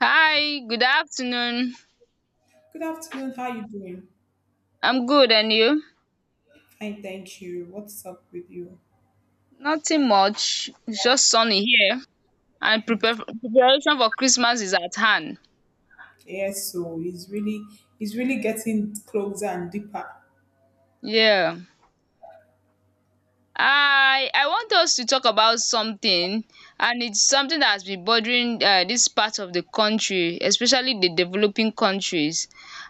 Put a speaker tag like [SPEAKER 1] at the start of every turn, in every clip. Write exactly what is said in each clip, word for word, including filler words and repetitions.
[SPEAKER 1] Hi, good afternoon.
[SPEAKER 2] Good afternoon. How you doing?
[SPEAKER 1] I'm good, and you?
[SPEAKER 2] Fine, thank you. What's up with you?
[SPEAKER 1] Nothing much. It's just sunny here, and prepare preparation for Christmas is at hand.
[SPEAKER 2] Yes, so it's really it's really getting closer and deeper.
[SPEAKER 1] Yeah. I I want us to talk about something, and it's something that has been bothering uh, this part of the country, especially the developing countries.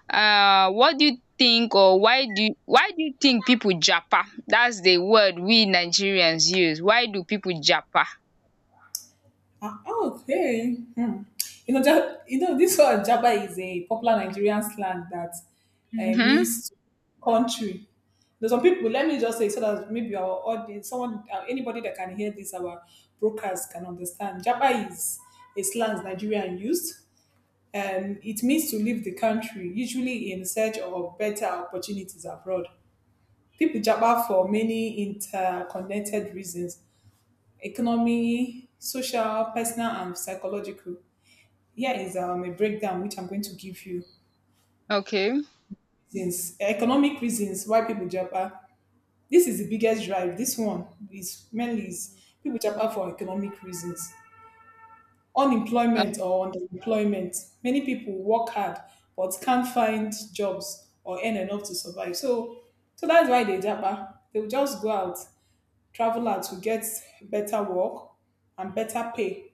[SPEAKER 1] Uh, what do you think, or why do why do you think people japa? That's the word we Nigerians use. Why do people japa?
[SPEAKER 2] Ah, okay. Hmm. You know, Ja- you know this word Jaba is a popular Nigerian slang that uh,
[SPEAKER 1] Mm-hmm.
[SPEAKER 2] means country. There's some people. Let me just say so that maybe our audience, someone, uh, anybody that can hear this, our brokers can understand. Jaba is a slang Nigerian used, and it means to leave the country, usually in search of better opportunities abroad. People japa for many interconnected reasons: economy, social, personal, and psychological. Here is um, a breakdown which I'm going to give you.
[SPEAKER 1] Okay.
[SPEAKER 2] Since economic reasons why people japa, this is the biggest drive. This one is mainly is people japa for economic reasons.
[SPEAKER 1] Uh,
[SPEAKER 2] Unemployment or underemployment. Many people work hard but can't find jobs or earn enough to survive. So, so that's why they japa. They will just go out, travel out to get better work and better pay.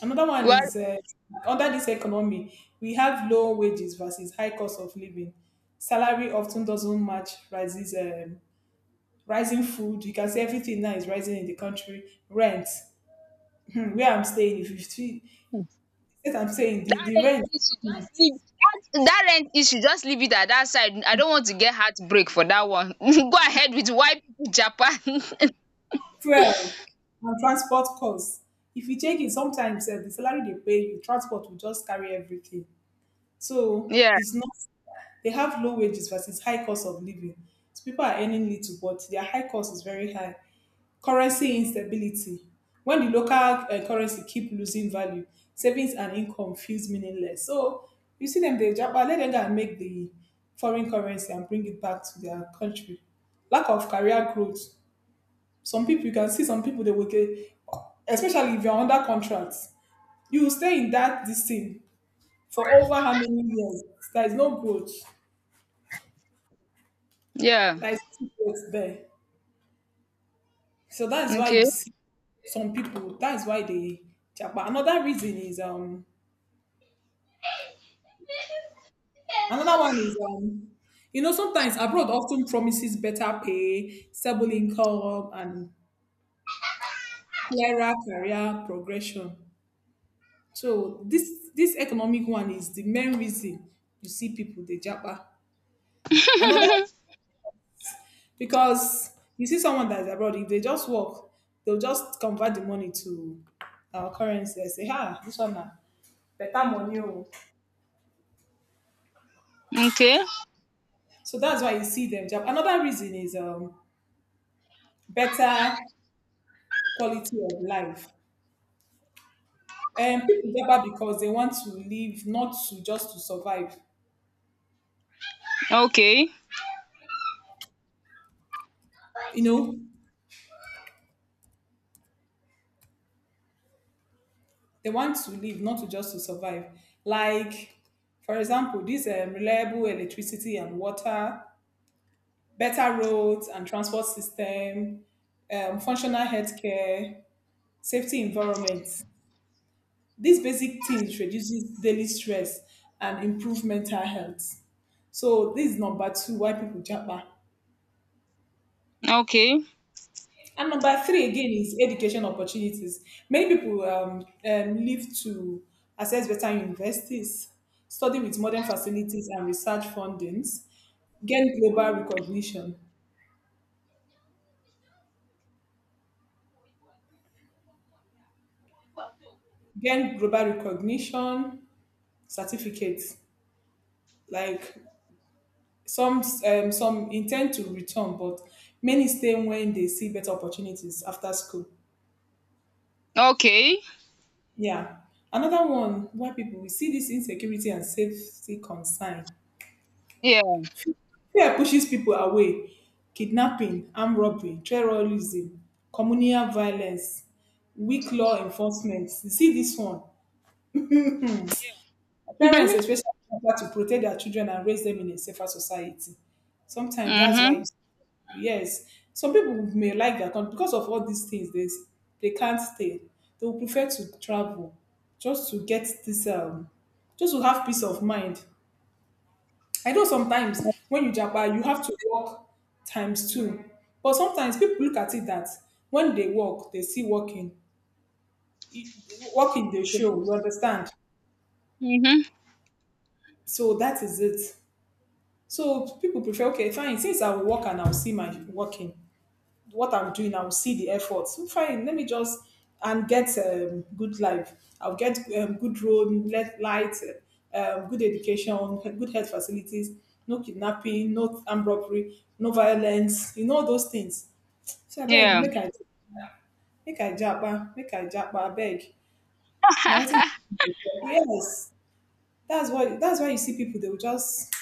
[SPEAKER 2] Another one
[SPEAKER 1] well,
[SPEAKER 2] is uh, under this economy, we have low wages versus high cost of living. Salary often doesn't match rises, um, rising food. You can see everything now is rising in the country. Rent, hmm, where I'm staying, if you feel. Yes, I'm saying the,
[SPEAKER 1] That
[SPEAKER 2] the
[SPEAKER 1] rent
[SPEAKER 2] rent,
[SPEAKER 1] issue
[SPEAKER 2] mm,
[SPEAKER 1] just leave that that rent issue just leave it at that side. I don't want to get heartbreak for that one. Go ahead with why people Japan.
[SPEAKER 2] fuel, and transport costs. If you take it, sometimes uh, the salary they pay you, transport will just carry everything. So
[SPEAKER 1] Yeah,
[SPEAKER 2] it's not, they have low wages versus high cost of living. So people are earning little, but their high cost is very high. Currency instability. When the local um currency keep losing value, savings and income feels meaningless. So you see them, they japa, let them go and make the foreign currency and bring it back to their country. Lack of career growth. Some people, you can see some people, they will get, especially if you're under contract, you will stay in that this thing for over how many years? There is no growth.
[SPEAKER 1] yeah.
[SPEAKER 2] There is no growth there. So that's why you
[SPEAKER 1] Okay.
[SPEAKER 2] see some people, that's why they japa. Another reason is um Another one is, um, you know, sometimes abroad often promises better pay, stable income, and clearer career progression. So this this economic one is the main reason you see people they japa. Another, because you see someone that's abroad, if they just work, they'll just convert the money to our currency and say, "Ah, this one now better money, oh."
[SPEAKER 1] Okay.
[SPEAKER 2] So that's why you see them jump. Another reason is um better quality of life. Um, people japa because they want to live, not to just to survive.
[SPEAKER 1] Okay.
[SPEAKER 2] You know, they want to live, not to just to survive. Like, for example, this um, reliable electricity and water, better roads and transport system, um, functional healthcare, safety environment. These basic things reduces daily stress and improve mental health. So this is number two why people japa.
[SPEAKER 1] Okay.
[SPEAKER 2] And number three again is education opportunities. Many people um, um, live to access better universities, study with modern facilities and research fundings, gain global recognition, gain global recognition certificates. Like some um, some intend to return, but many stay when they see better opportunities after school.
[SPEAKER 1] Okay.
[SPEAKER 2] Yeah. Another one why people we see this insecurity and safety concern.
[SPEAKER 1] Yeah.
[SPEAKER 2] Fear pushes people away. Kidnapping, armed robbery, terrorism, communal violence, weak law enforcement. You see this one. Parents
[SPEAKER 1] Mhm.
[SPEAKER 2] especially have to protect their children and raise them in a safer society. Sometimes that's why,
[SPEAKER 1] Mhm.
[SPEAKER 2] you, see- Yes, some people may like their country, because of all these things They they can't stay. They will prefer to travel just to get this um, just to have peace of mind. I know sometimes when you japa, you have to work times two. But sometimes people look at it that when they work, they see working. E- Working, they show, you understand?
[SPEAKER 1] Mhm.
[SPEAKER 2] So that is it. So people prefer, okay, fine, since I will work and I'll see my working, what I'm doing, I will see the effort. So fine, let me just and get um, good life. I'll get um, good road, let light, uh, um, good education, good health facilities, no kidnapping, no armed robbery, no violence. You know those things. So I beg,
[SPEAKER 1] Yeah.
[SPEAKER 2] make I make I japa, make I japa, I beg. Now what?
[SPEAKER 1] Ha.
[SPEAKER 2] Yes, that's why that's why you see people, they will just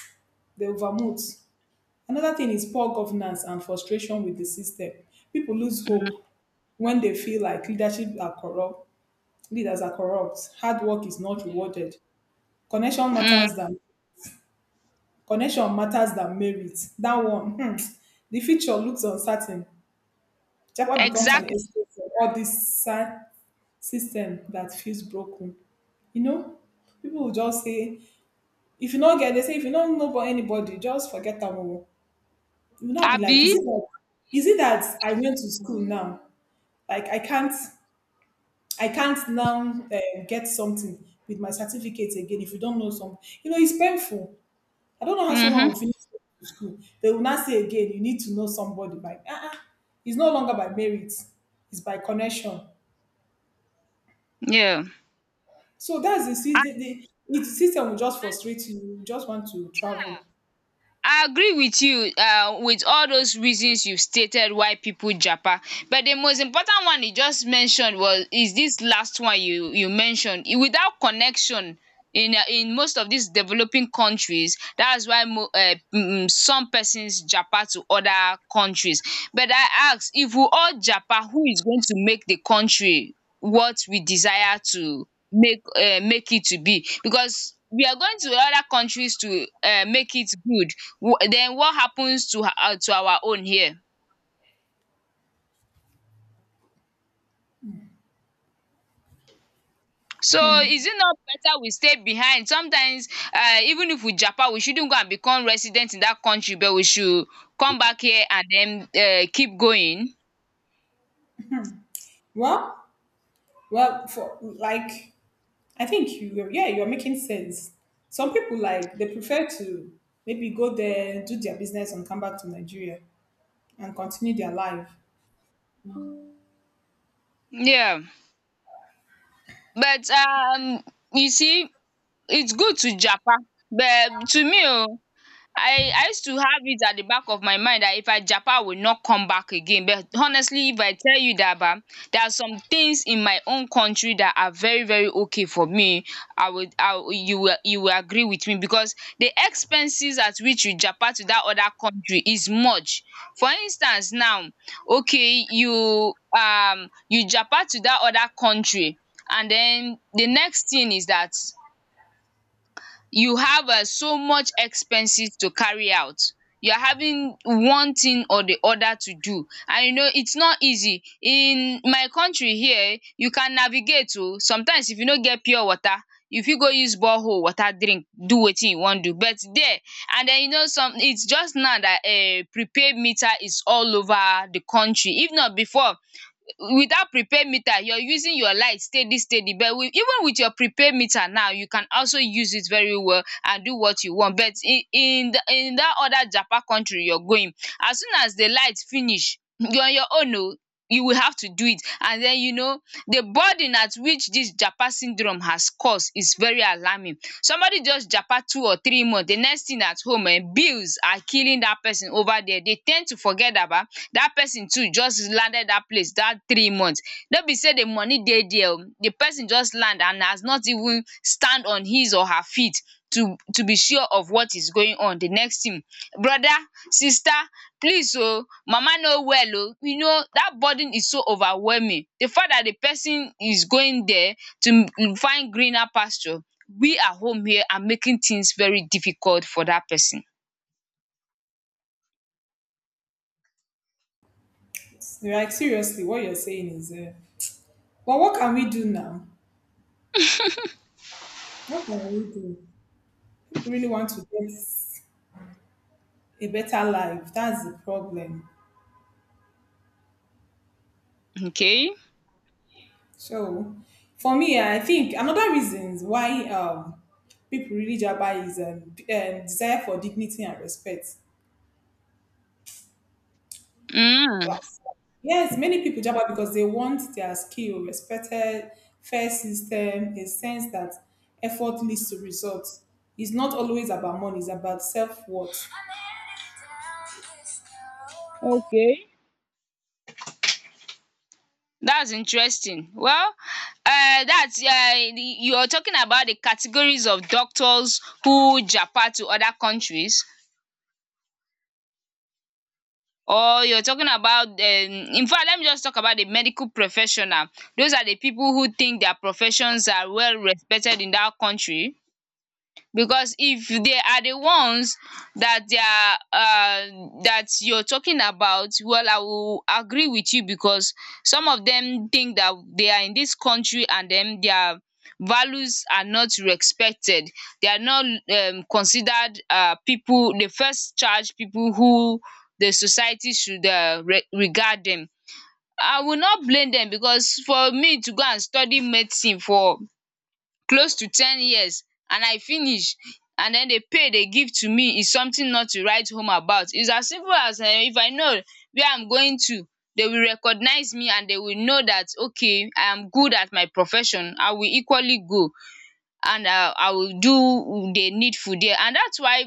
[SPEAKER 2] they overmote. Another thing is poor governance and frustration with the system. People lose
[SPEAKER 1] Mhm.
[SPEAKER 2] hope when they feel like leadership are corrupt, leaders are corrupt, hard work is not rewarded. Connection
[SPEAKER 1] Mm.
[SPEAKER 2] matters than connection matters than merit. That one, hmm, the future looks uncertain. Japa becomes an
[SPEAKER 1] Exactly.
[SPEAKER 2] escape from all this si- system that feels broken. You know, people will just say, if you don't get, they say, "If you don't know about anybody, just forget them all." You will not be like, is
[SPEAKER 1] Abi.
[SPEAKER 2] it that, is it that I went to school now? Like I can't. I can't now uh, get something with my certificate again if you don't know something. You know, it's painful. I don't know how someone
[SPEAKER 1] Mhm.
[SPEAKER 2] will finish school. They will not say again, you need to know somebody by, uh-uh. It's no longer by merit, it's by connection.
[SPEAKER 1] Yeah. And,
[SPEAKER 2] So that's the, see, the, the, the system will just frustrate you. You just want to travel.
[SPEAKER 1] and I agree with you um with all those reasons you stated why people japa, but the most important one you just mentioned was is this last one you you mentioned, I- without connection in um in most of these developing countries. That's why mo um um some persons japa to other countries, but I ask, if we all japa, who is going to make the country what we desire to make um make it to be, because we are going to other countries to um make it good? Then what happens to um to our own here? So is it not better we stay behind? Sometimes um even if we japa we shouldn't go and become resident in that country, but we should come back here and then um keep going.
[SPEAKER 2] Well, well, for like, I think you, yeah, you're making sense. Some people like, they prefer to maybe go there, do their business and come back to Nigeria and continue their life.
[SPEAKER 1] Yeah. But um you see, it's good to japa, but to me o, I I used to have it at the back of my mind that if I japa I will not come back again. But honestly, if I tell you that ba, there are some things in my own country that are very very okay for me. I would I would you will you will agree with me, because the expenses at which you japa to that other country is much. For instance now, okay, you um you japa to that other country, and den the next thing is that you have um so much expenses to carry out. You're having one thing or the other to do, and you know it's not easy. In my country here you can navigate to sometimes. If you no get pure water, you fit go use borehole water drink, do wetin you wan do. But there, and then you know, some it's just now that um prepaid meter is all over the country. If not, before, without prepaid meter, you're using your light steady steady. But with, even with your prepaid meter now, you can also use it very well and do what you want. But in in the, in that other japa country you're going, as soon as the light finish you're on your own oh. You will have to do it. And then you know, the burden at which this japa syndrome has caused is very alarming. Somebody just japa two or three months, the next thing, at home um bills are killing that person over there. They tend to forget about dat person too, just landed dat place dat three months. No be sey the money dey there oo, the person just land and has not even stand on his or her feet to to be sure of what is going on. The next thing, brother, sister, please oo, mama no well oo. You know dat burden is so overwhelming. The fact that the person is going there to find greener pasture, we at home here are making things very difficult for dat person.
[SPEAKER 2] Like seriously, what you're saying is, uh, well, what can we do now? What can we do? People really want to get a better life, that's the problem.
[SPEAKER 1] Okay.
[SPEAKER 2] So, for me, I think another reasons why um people really jabber is um, d- um desire for dignity and respect.
[SPEAKER 1] um
[SPEAKER 2] Like, yes, many people jabber because they want their skill respected, fair system, a sense that effort leads to results. It's not always about money, it's about self worth.
[SPEAKER 1] okay. That's interesting. Well, uh, that's uh, the- you're talking about the categories of doctors who japa to other countries, or you're talking about um in fact, let me just talk about the medical professional. Those are the people who think their professions are well respected in that country, because if they are the ones that they are um that you're talking about, well, i will agree with you, because some of them think that they are in this country and then their values are not respected. They are not um considered um people, the first charge people who the society should um regard them. I will not blame them, because for me to go and study medicine for close to ten years, and I finish, and den the pay dey give to me is something not to write home about. It's as simple as um if I know where I'm going to, they will recognize me and they will know that okay, I am good at my profession, I will equally go, and I I will do the needful there. And that's why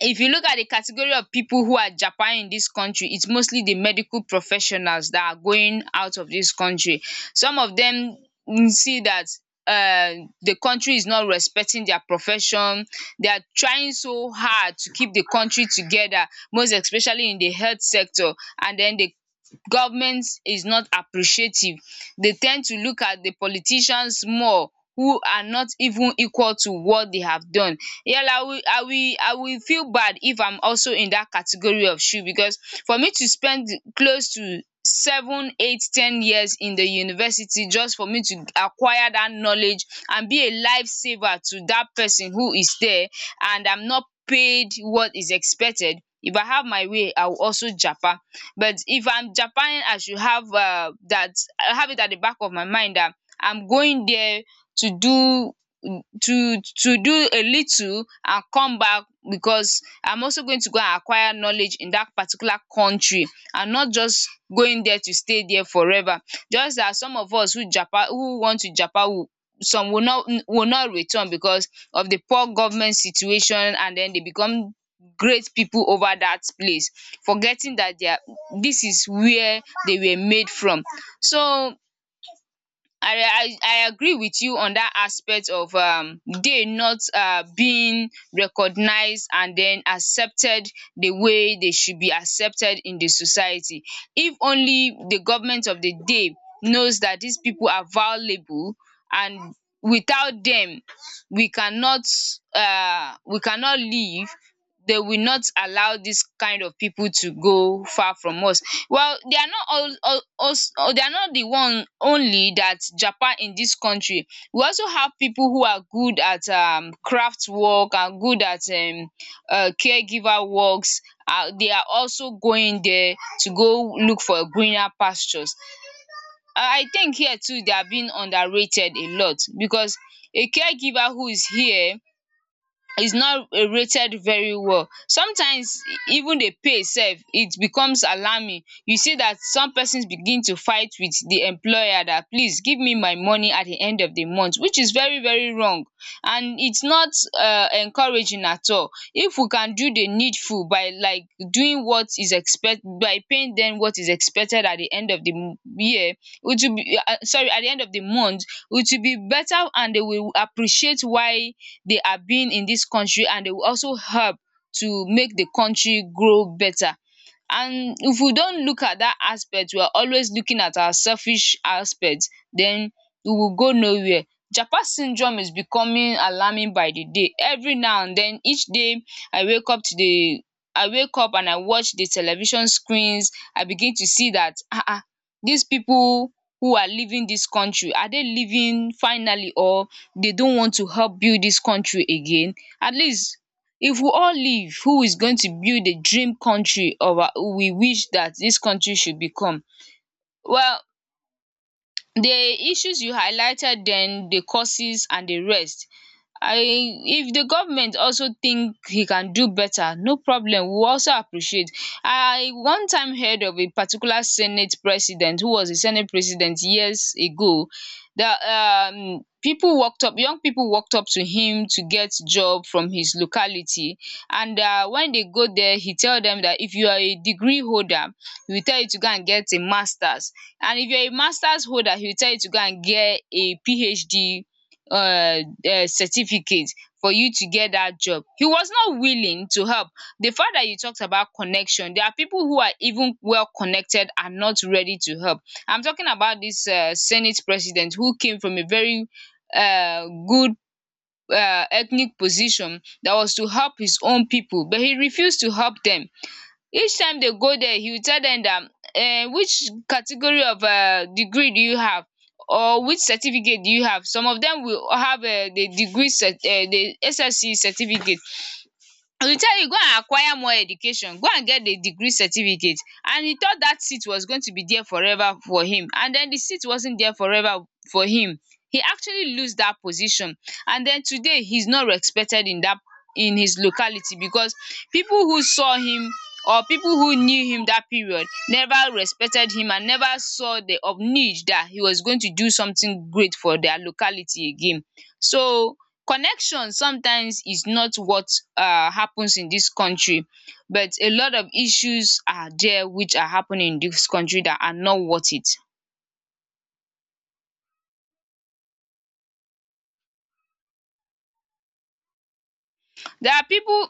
[SPEAKER 1] if you look at the category of people who are Japan in this country, it's mostly the medical professionals that are going out of this country. Some of dem see that um the country is not respecting their profession. They are trying so hard to keep the country together, most especially in the health sector, and then they government is not appreciative. They tend to look at the politicians more, who are not even equal to what they have done. Well, I will I will I will feel bad if I'm also in that category of shoe, because for me to spend close to seven, eight, ten years in the university just for me to acquire that knowledge and be a life saver to that person who is there, and I'm not paid what is expected. If I have my way I will also japa, but if I'm japaing I should have uh that, I have it at the back of my mind dat I'm going there to do to to do a little and come back, because I'm also going to go and acquire knowledge in that particular country, and not just going there to stay there forever. Just as some of us who japa, who want to japa will, some will not will not return because of the poor government situation, and then they become great people over that place, forgetting that they are, this is where they were made from. So I I I agree with you on that aspect of um they not um being recognized and then accepted the way they should be accepted in the society. If only the government of the day knows that these people are valuable, and without them we cannot um we cannot live, they will not allow this kind of people to go far from us. Well, they are not all, all, also, they are not the one only that Japan in this country. We also have people who are good at um, craft work, and good at um, uh, caregiver works. Uh, they are also going there to go look for greener pastures. I I think here too they are being underrated a lot, because a caregiver who is here is not uh, rated very well. Sometimes even the pay sef, it becomes alarming. You see that some persons begin to fight with the employer, That please give me my money at the end of the month, which is very very wrong, and it's not um encouraging at all. If we can do the needful by, like, doing what is expect, by paying dem what is expected at the end of the m- year, it will be, uh, sorry, at the end of the month, it will be better, and they will appreciate why they are being in this country, and they will also help to make the country grow better. And if we don't look at that aspect, we are always looking at our selfish aspect, then we will go nowhere. Japa syndrome is becoming alarming by the day. Every now and then, each day I wake up to the I wake up and I watch the television screens. I begin to see that um these people who are leaving this country, are they leaving finally, or they don't want to help build this country again? At least, if we all leave, who is going to build the dream country of, we wish that this country should become. Well, the issues you highlighted then, the causes and the rest. I If the government also think he can do better, no problem, we also appreciate. I one time heard of a particular senate president who was a senate president years ago, that um people walked up young people walked up to him to get job from his locality, and um when they go there he tell them that if you are a degree holder, he will tell you to go and get a masters, and if you're a master's holder, he will tell you to go and get a PhD uh, uh, certificate for you to get that job. He was not willing to help. The fact that you talked about connection, there are people who are even well connected and not ready to help. I'm talking about this uh, Senate president who came from a very uh, good uh, ethnic position that was to help his own people, but he refused to help them. Each time they go there, he will tell them that um which category of um degree do you have or which certificate do you have. Some of them will have um the degree cert um the S S C certificate. Dey tell you go and acquire more education, go and get a degree certificate, and he thought that seat was going to be there forever for him, and den the seat wasn't there forever for him. He actually lose that position, and den today he's not respected in that, in his locality, because people who saw him or people who knew him that period never respected him and never saw the of need that he was going to do something great for their locality again. So connection sometimes is not what um happens in this country, but a lot of issues are there which are happening in this country that are not worth it. There are people,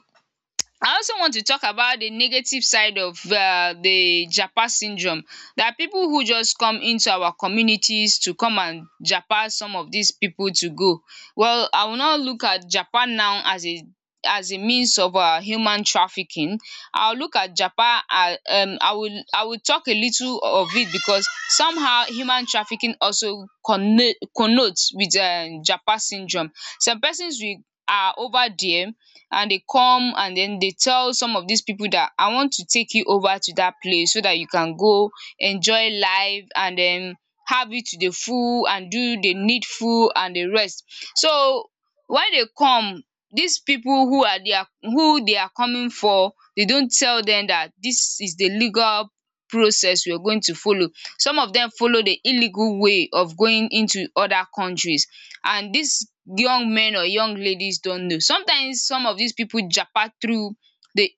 [SPEAKER 1] I also want to talk about the negative side of um the japa syndrome. There are people who just come into our communities to come and japa some of these people to go. Well, I will not look at japa now as a, as a means of um human trafficking. I will look at japa as um I will, I will talk a little of it because somehow human trafficking also connote connote with um japa syndrome. Some persons we are over there, and they come and then they tell some of these people that I want to take you over to that place so that you can go enjoy life and then have it to the full and do the needful and the rest. So when they come, these people who are, they are who they are coming for, they don't tell them that this is the legal process we are going to follow. Some of them follow the illegal way of going into other countries, and these young men or young ladies don't know. Sometimes some of these people japa through the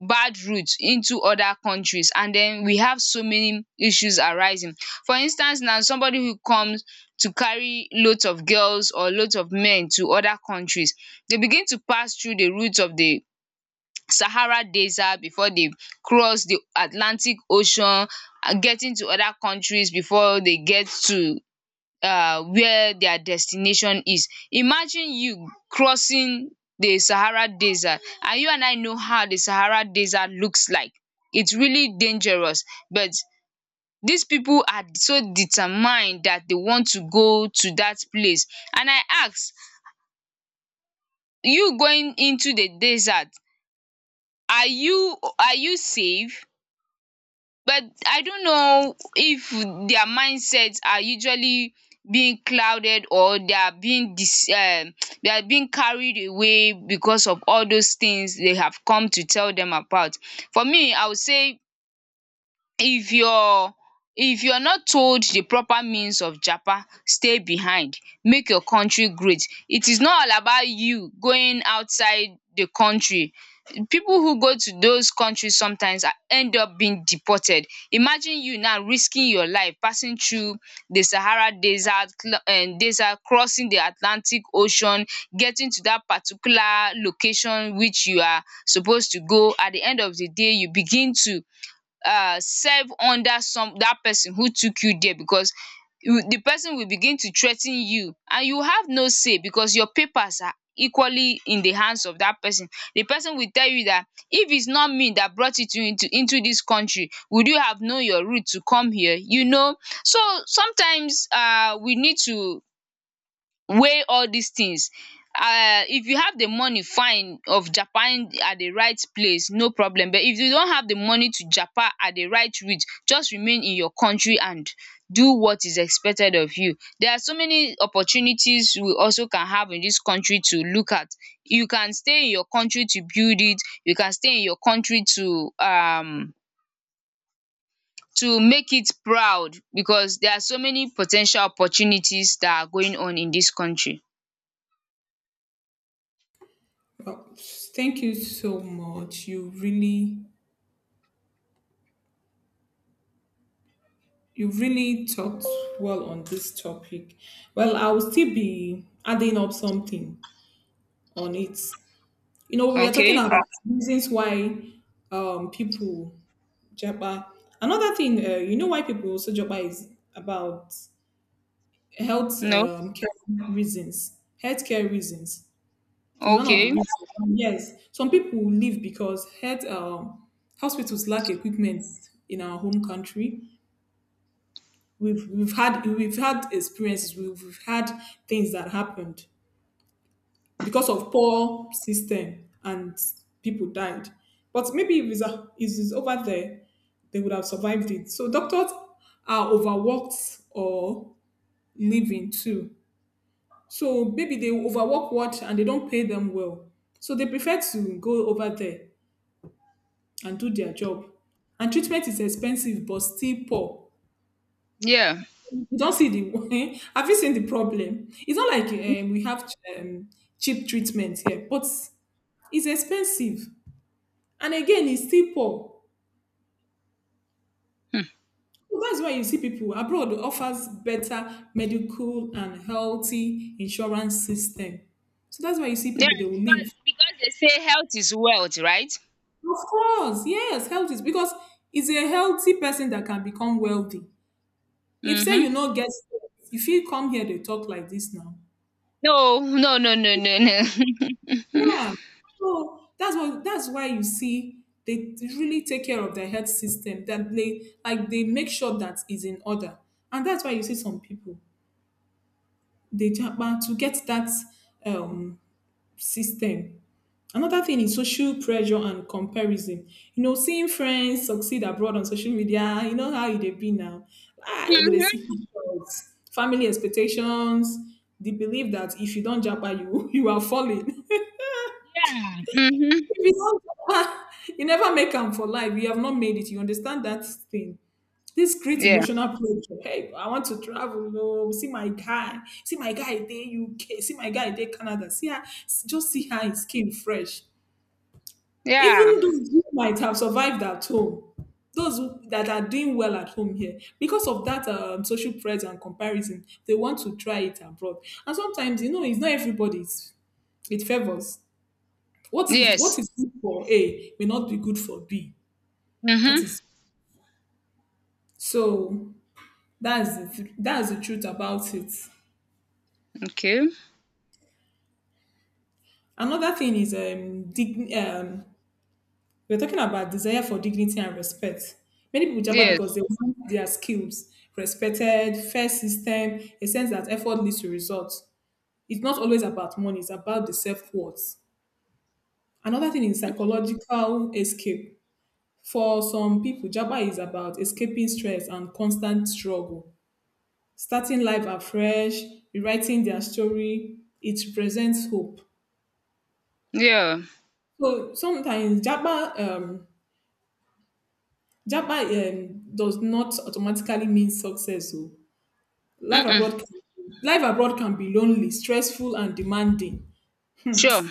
[SPEAKER 1] bad route into other countries, and then we have so many issues arising. For instance now, somebody who comes to carry loads of girls or loads of men to other countries. They begin to pass through the route of the Sahara desert before they cross the Atlantic ocean and getting to other countries before they get to uh, where their destination is. Imagine you crossing the Sahara desert, and you and I know how the Sahara desert looks like. It's really dangerous, but these people are so determined that they want to go to that place. And I ask, you going into the desert, are you are you safe? But I don't know if their mindsets are usually being clouded, or they are being dis um they are being carried away because of all those things they have come to tell them about. For me, I would say, if your, if you're not told the proper means of japa, stay behind, make your country great. It is not all about you going outside the country. People who go to those countries sometimes are end up being deported. Imagine you now risking your life passing through the Sahara desert, um desert, crossing the Atlantic ocean, getting to that particular location which you are supposed to go. At the end of the day, you begin to uh, serve under some, that person who took you there, because you, the person will begin to threaten you, and you have no say because your papers are equally in the hands of that person. The person will tell you that if it's not me that brought you to into into this country, would you have known your route to come here, you know? So sometimes um we need to weigh all these things. Um if you have the money, fine, of japan at the right place, no problem. But if you don't have the money to Japan at the right reach, just remain in your country and do what is expected of you. There are so many opportunities we also can have in this country to look at. You can stay in your country to build it, you can stay in your country to um to make it proud, because there are so many potential opportunities that are going on in this country.
[SPEAKER 2] Well, thank you so much. You really, you really talked well on this topic. Well, I will still be adding up something on it. You know, we are talking
[SPEAKER 1] Okay.
[SPEAKER 2] about reasons why um people jabba. Another thing, uh, you know, why people also jabba is about health
[SPEAKER 1] No?
[SPEAKER 2] um care reasons, healthcare reasons is one of the
[SPEAKER 1] Okay.
[SPEAKER 2] reasons. Yes, some people leave because health um hospitals lack equipment in our home country. We've we've had we've had experiences, we've, we've had things that happened because of poor system and people died, but maybe if it's, a, if it's over there they would have survived it. So doctors are overworked or living too, so maybe they overwork what and they don't pay them well, so they prefer to go over there and do their job. And treatment is expensive but still poor.
[SPEAKER 1] Yeah.
[SPEAKER 2] You don't see the have you seen the problem? It's not like um, we have um, cheap treatment here, but it's expensive, and again, it's still poor.
[SPEAKER 1] Hmm.
[SPEAKER 2] So that's why you see people abroad offers better medical and healthy insurance system. So that's why you see
[SPEAKER 1] Yeah,
[SPEAKER 2] people they will
[SPEAKER 1] because
[SPEAKER 2] leave.
[SPEAKER 1] because they say health is wealth, right?
[SPEAKER 2] Of course, yes, health is because it's a healthy person that can become wealthy. If say
[SPEAKER 1] Mhm.
[SPEAKER 2] you not get, if you come here, they talk like this now.
[SPEAKER 1] No, no, no, no, no, no.
[SPEAKER 2] Yeah. So that's what that's why you see they really take care of their health system. That they like they make sure that is in order, and that's why you see some people they jump out to get that um system. Another thing is social pressure and comparison. You know, seeing friends succeed abroad on social media, you know how it they be now. Ah, you go dey
[SPEAKER 1] Mhm.
[SPEAKER 2] see pictures, family expectations, the belief that if you don't jump you you are falling.
[SPEAKER 1] Mhm.
[SPEAKER 2] If you don you never make them for life, you have not made it, you understand that thing. This create
[SPEAKER 1] Yeah.
[SPEAKER 2] emotional pressure. Hey, I want to travel oh, see my guy, see my guy there. U K, see my guy there, Canada, see her. Just see how his skin fresh.
[SPEAKER 1] Yeah.
[SPEAKER 2] Even those who might have survived at home, those who that are doing well at home here, because of that um, social pressure and comparison, they want to try it abroad. And sometimes, you know, it's not everybody's, it favors. What is
[SPEAKER 1] Yes.
[SPEAKER 2] what is good for A may not be good for B. That
[SPEAKER 1] Mhm.
[SPEAKER 2] is so. That's the th- that's the truth about it.
[SPEAKER 1] Okay.
[SPEAKER 2] Another thing is um, dig- um we're talking about desire for dignity and respect. Many people jabber
[SPEAKER 1] Yes.
[SPEAKER 2] because they want their skills respected, fair system, a sense that effort leads to results. It's not always about money; it's about the self worth. Another thing is psychological escape. For some people, Jabba is about escaping stress and constant struggle, starting life afresh, rewriting their story. It presents hope.
[SPEAKER 1] Yeah.
[SPEAKER 2] So sometimes Japa um, Japa um, does not automatically mean success. So life
[SPEAKER 1] Mm.
[SPEAKER 2] abroad, can, life abroad can be lonely, stressful, and demanding.
[SPEAKER 1] Sure.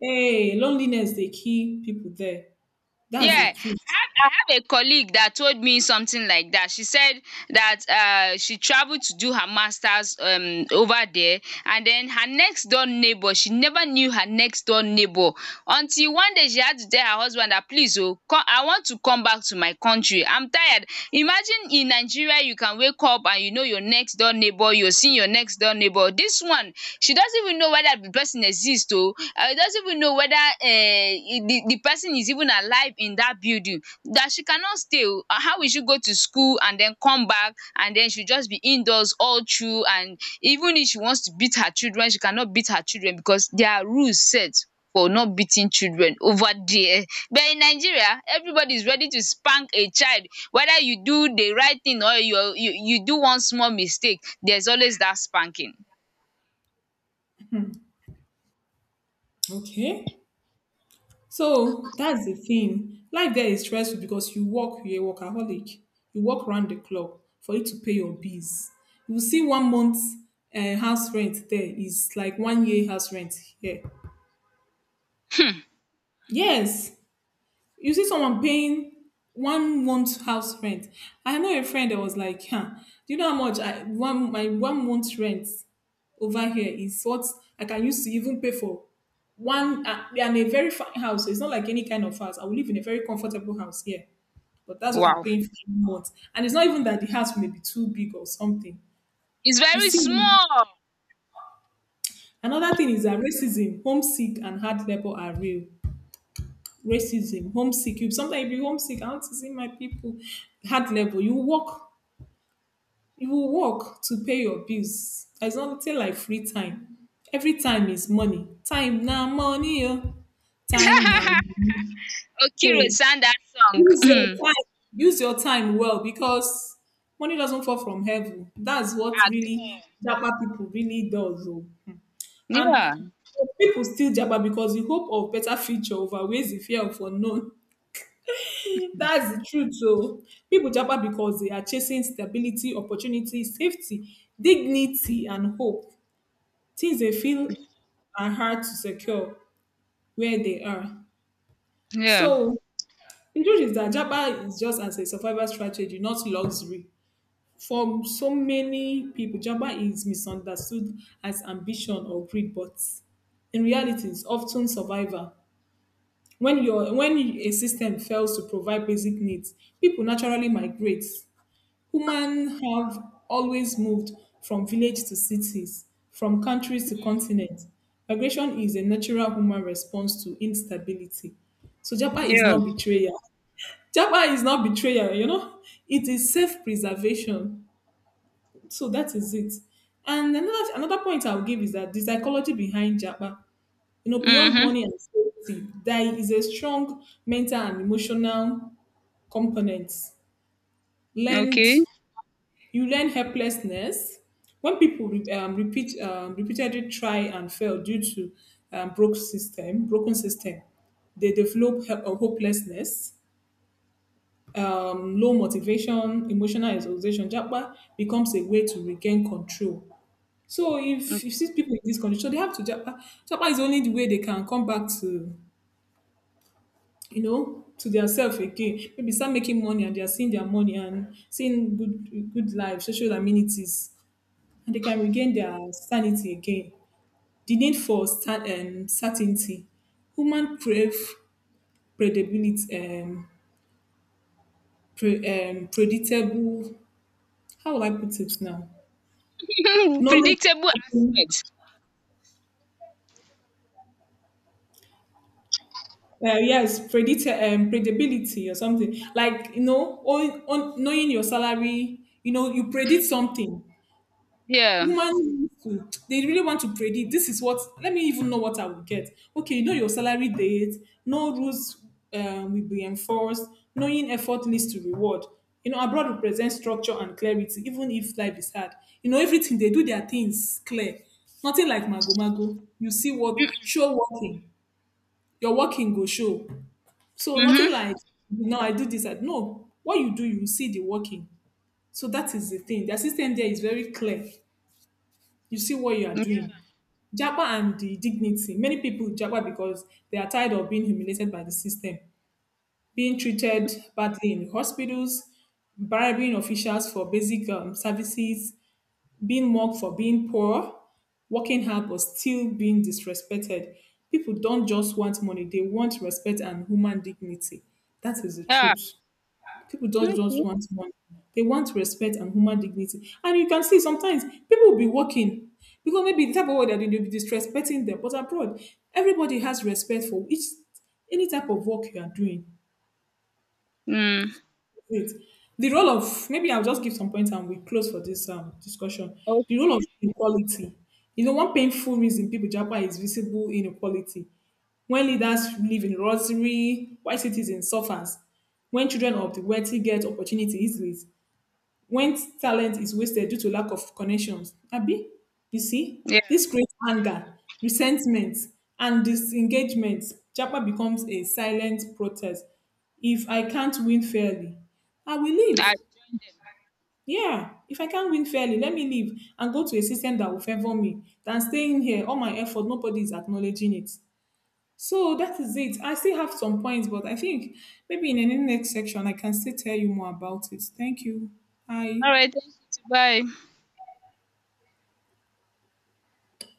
[SPEAKER 2] Hey, loneliness they kill people there. That's the
[SPEAKER 1] Yeah.
[SPEAKER 2] truth.
[SPEAKER 1] Have a colleague that told me something like that. She said that uh, she traveled to do her masters um, over there, and then her next door neighbor, she never knew her next door neighbor until one day she had to tell her husband that please oh, co- I want to come back to my country. I'm tired. Imagine in Nigeria, you can wake up and you know your next door neighbor, you're seeing your next door neighbor. This one, she doesn't even know whether the person exists, oh, uh, doesn't even know whether uh, the, the person is even alive in that building, that she cannot stay o. Ah, how will she go to school and then come back, and then she just be indoors all through. And even if she wants to beat her children, she cannot beat her children because there are rules set for not beating children over there. But in Nigeria, everybody is ready to spank a child. Whether you do the right thing or you you you do one small mistake, there's always that spanking.
[SPEAKER 2] Okay. So that's the thing. Life there is stressful because you work, you're a workaholic. You work round the clock for you to pay your bills. You will see one month uh, house rent there is like one year house rent here.
[SPEAKER 1] um
[SPEAKER 2] Yes, you see someone paying one month house rent. I know a friend that was like, huh, do you know how much I one my one month rent over here is what I can use to even pay for one, uh, and a very fine house. It's not like any kind of house. I will live in a very comfortable house here. But that's what I'm
[SPEAKER 1] wow,
[SPEAKER 2] paying for a month. And it's not even that the house may be too big or something.
[SPEAKER 1] it's
[SPEAKER 2] You
[SPEAKER 1] very
[SPEAKER 2] see,
[SPEAKER 1] small.
[SPEAKER 2] another thing is that racism, homesick, and hard labor are real. Racism, homesick. You sometimes you be homesick. I want to see my people. Hard labor. You work. You will work to pay your bills. There's nothing like free time. Every time is money. Time now money. oh. Time now.
[SPEAKER 1] Okiro
[SPEAKER 2] Hey,
[SPEAKER 1] sang that song.
[SPEAKER 2] Use your time. Use your time well because money doesn't fall from heaven. That's what really Japa people really does. oh. And eh,
[SPEAKER 1] Yeah.
[SPEAKER 2] people still Japa because the hope of better future outweighs the fear of unknown. That's the truth. So people Japa because they are chasing stability, opportunity, safety, dignity, and hope. Things they feel are hard to secure where they are.
[SPEAKER 1] Yeah.
[SPEAKER 2] So the truth is that Japa is just as a survival strategy, not luxury. For so many people, Java is misunderstood as ambition or greed, but in reality, it's often survival. When your when a system fails to provide basic needs, people naturally migrate. Humans have always moved from village to cities, from countries to continents. Migration is a natural human response to instability. So Japa is
[SPEAKER 1] Yeah.
[SPEAKER 2] not betrayal. Japa is not betrayal, you know. It is self-preservation. So that is it. And another another point I'll give is that the psychology behind Japa, you know, beyond
[SPEAKER 1] Mhm.
[SPEAKER 2] money and safety, there is a strong mental and emotional component. Learned,
[SPEAKER 1] Okay.
[SPEAKER 2] you learn helplessness when people re- um, repeat um, repeatedly try and fail due to um, broke system, broken system. They develop he- uh, hopelessness, um, low motivation, emotional exhaustion. Japa becomes a way to regain control. So if you see people in this condition, they have to japa. Japa is only the way they can come back to, you know, to their self again. Maybe start making money and they are seeing their money and seeing good good life, social amenities, and they can regain their sanity again. The need for sta- um, certainty. Human crave predictability, um, pre- um, predictable. How will I put it now?
[SPEAKER 1] Mm.
[SPEAKER 2] Knowledge.
[SPEAKER 1] Predictable aspects.
[SPEAKER 2] uh, yes predict um, predictability, or something like, you know, on, on knowing your salary, you know, you predict something.
[SPEAKER 1] Yeah.
[SPEAKER 2] Woman to, they really want to predict. This is what, let me even know what i will get. Okay, you know your salary date. No rules um, will be enforced. Knowing effort leads to reward, you know. Abroad represents structure and clarity, even if life is hard. You know everything they do, their things clear. Nothing like mago mago. You see what
[SPEAKER 1] Mm,
[SPEAKER 2] show working. Your working go show. So nothing
[SPEAKER 1] mhm.
[SPEAKER 2] like, no, I do this. I, no, what you do, you see the working. So that is the thing. The system there is very clear. You see what you are doing. Japa and the dignity. Many people Japa because they are tired of being humiliated by the system, being treated badly in hospitals, bribing officials for basic um, services, being mocked for being poor, working hard but still being disrespected. People don't just want money, they want respect and human dignity. That is the
[SPEAKER 1] Yeah.
[SPEAKER 2] truth. People don't just
[SPEAKER 1] Okay.
[SPEAKER 2] want money. They want respect and human dignity. And you can see sometimes people will be working because maybe the type of work they're doing, they'll be disrespecting them. But abroad, everybody has respect for each any type of work you are doing.
[SPEAKER 1] Mm.
[SPEAKER 2] Wait, The role of maybe I'll just give some points and we close for this um, discussion. The role
[SPEAKER 1] Okay.
[SPEAKER 2] of inequality. You know, one painful reason people Japan is visible inequality, when leaders live in luxury, white citizens suffers, when children of the wealthy get opportunity easily, when talent is wasted due to lack of connections. Abi, you see,
[SPEAKER 1] Yeah.
[SPEAKER 2] this creates anger, resentment, and disengagement. Japa becomes a silent protest. If I can't win fairly, I will
[SPEAKER 1] I.
[SPEAKER 2] leave. Yeah, if I can't win fairly, let me leave and go to a system that will favor me than staying here. All my effort, nobody is acknowledging it. So that is it. I still have some points, but I think maybe in any next section I can still tell you more about it. Thank you. Bye.
[SPEAKER 1] Alright, thank you. Bye.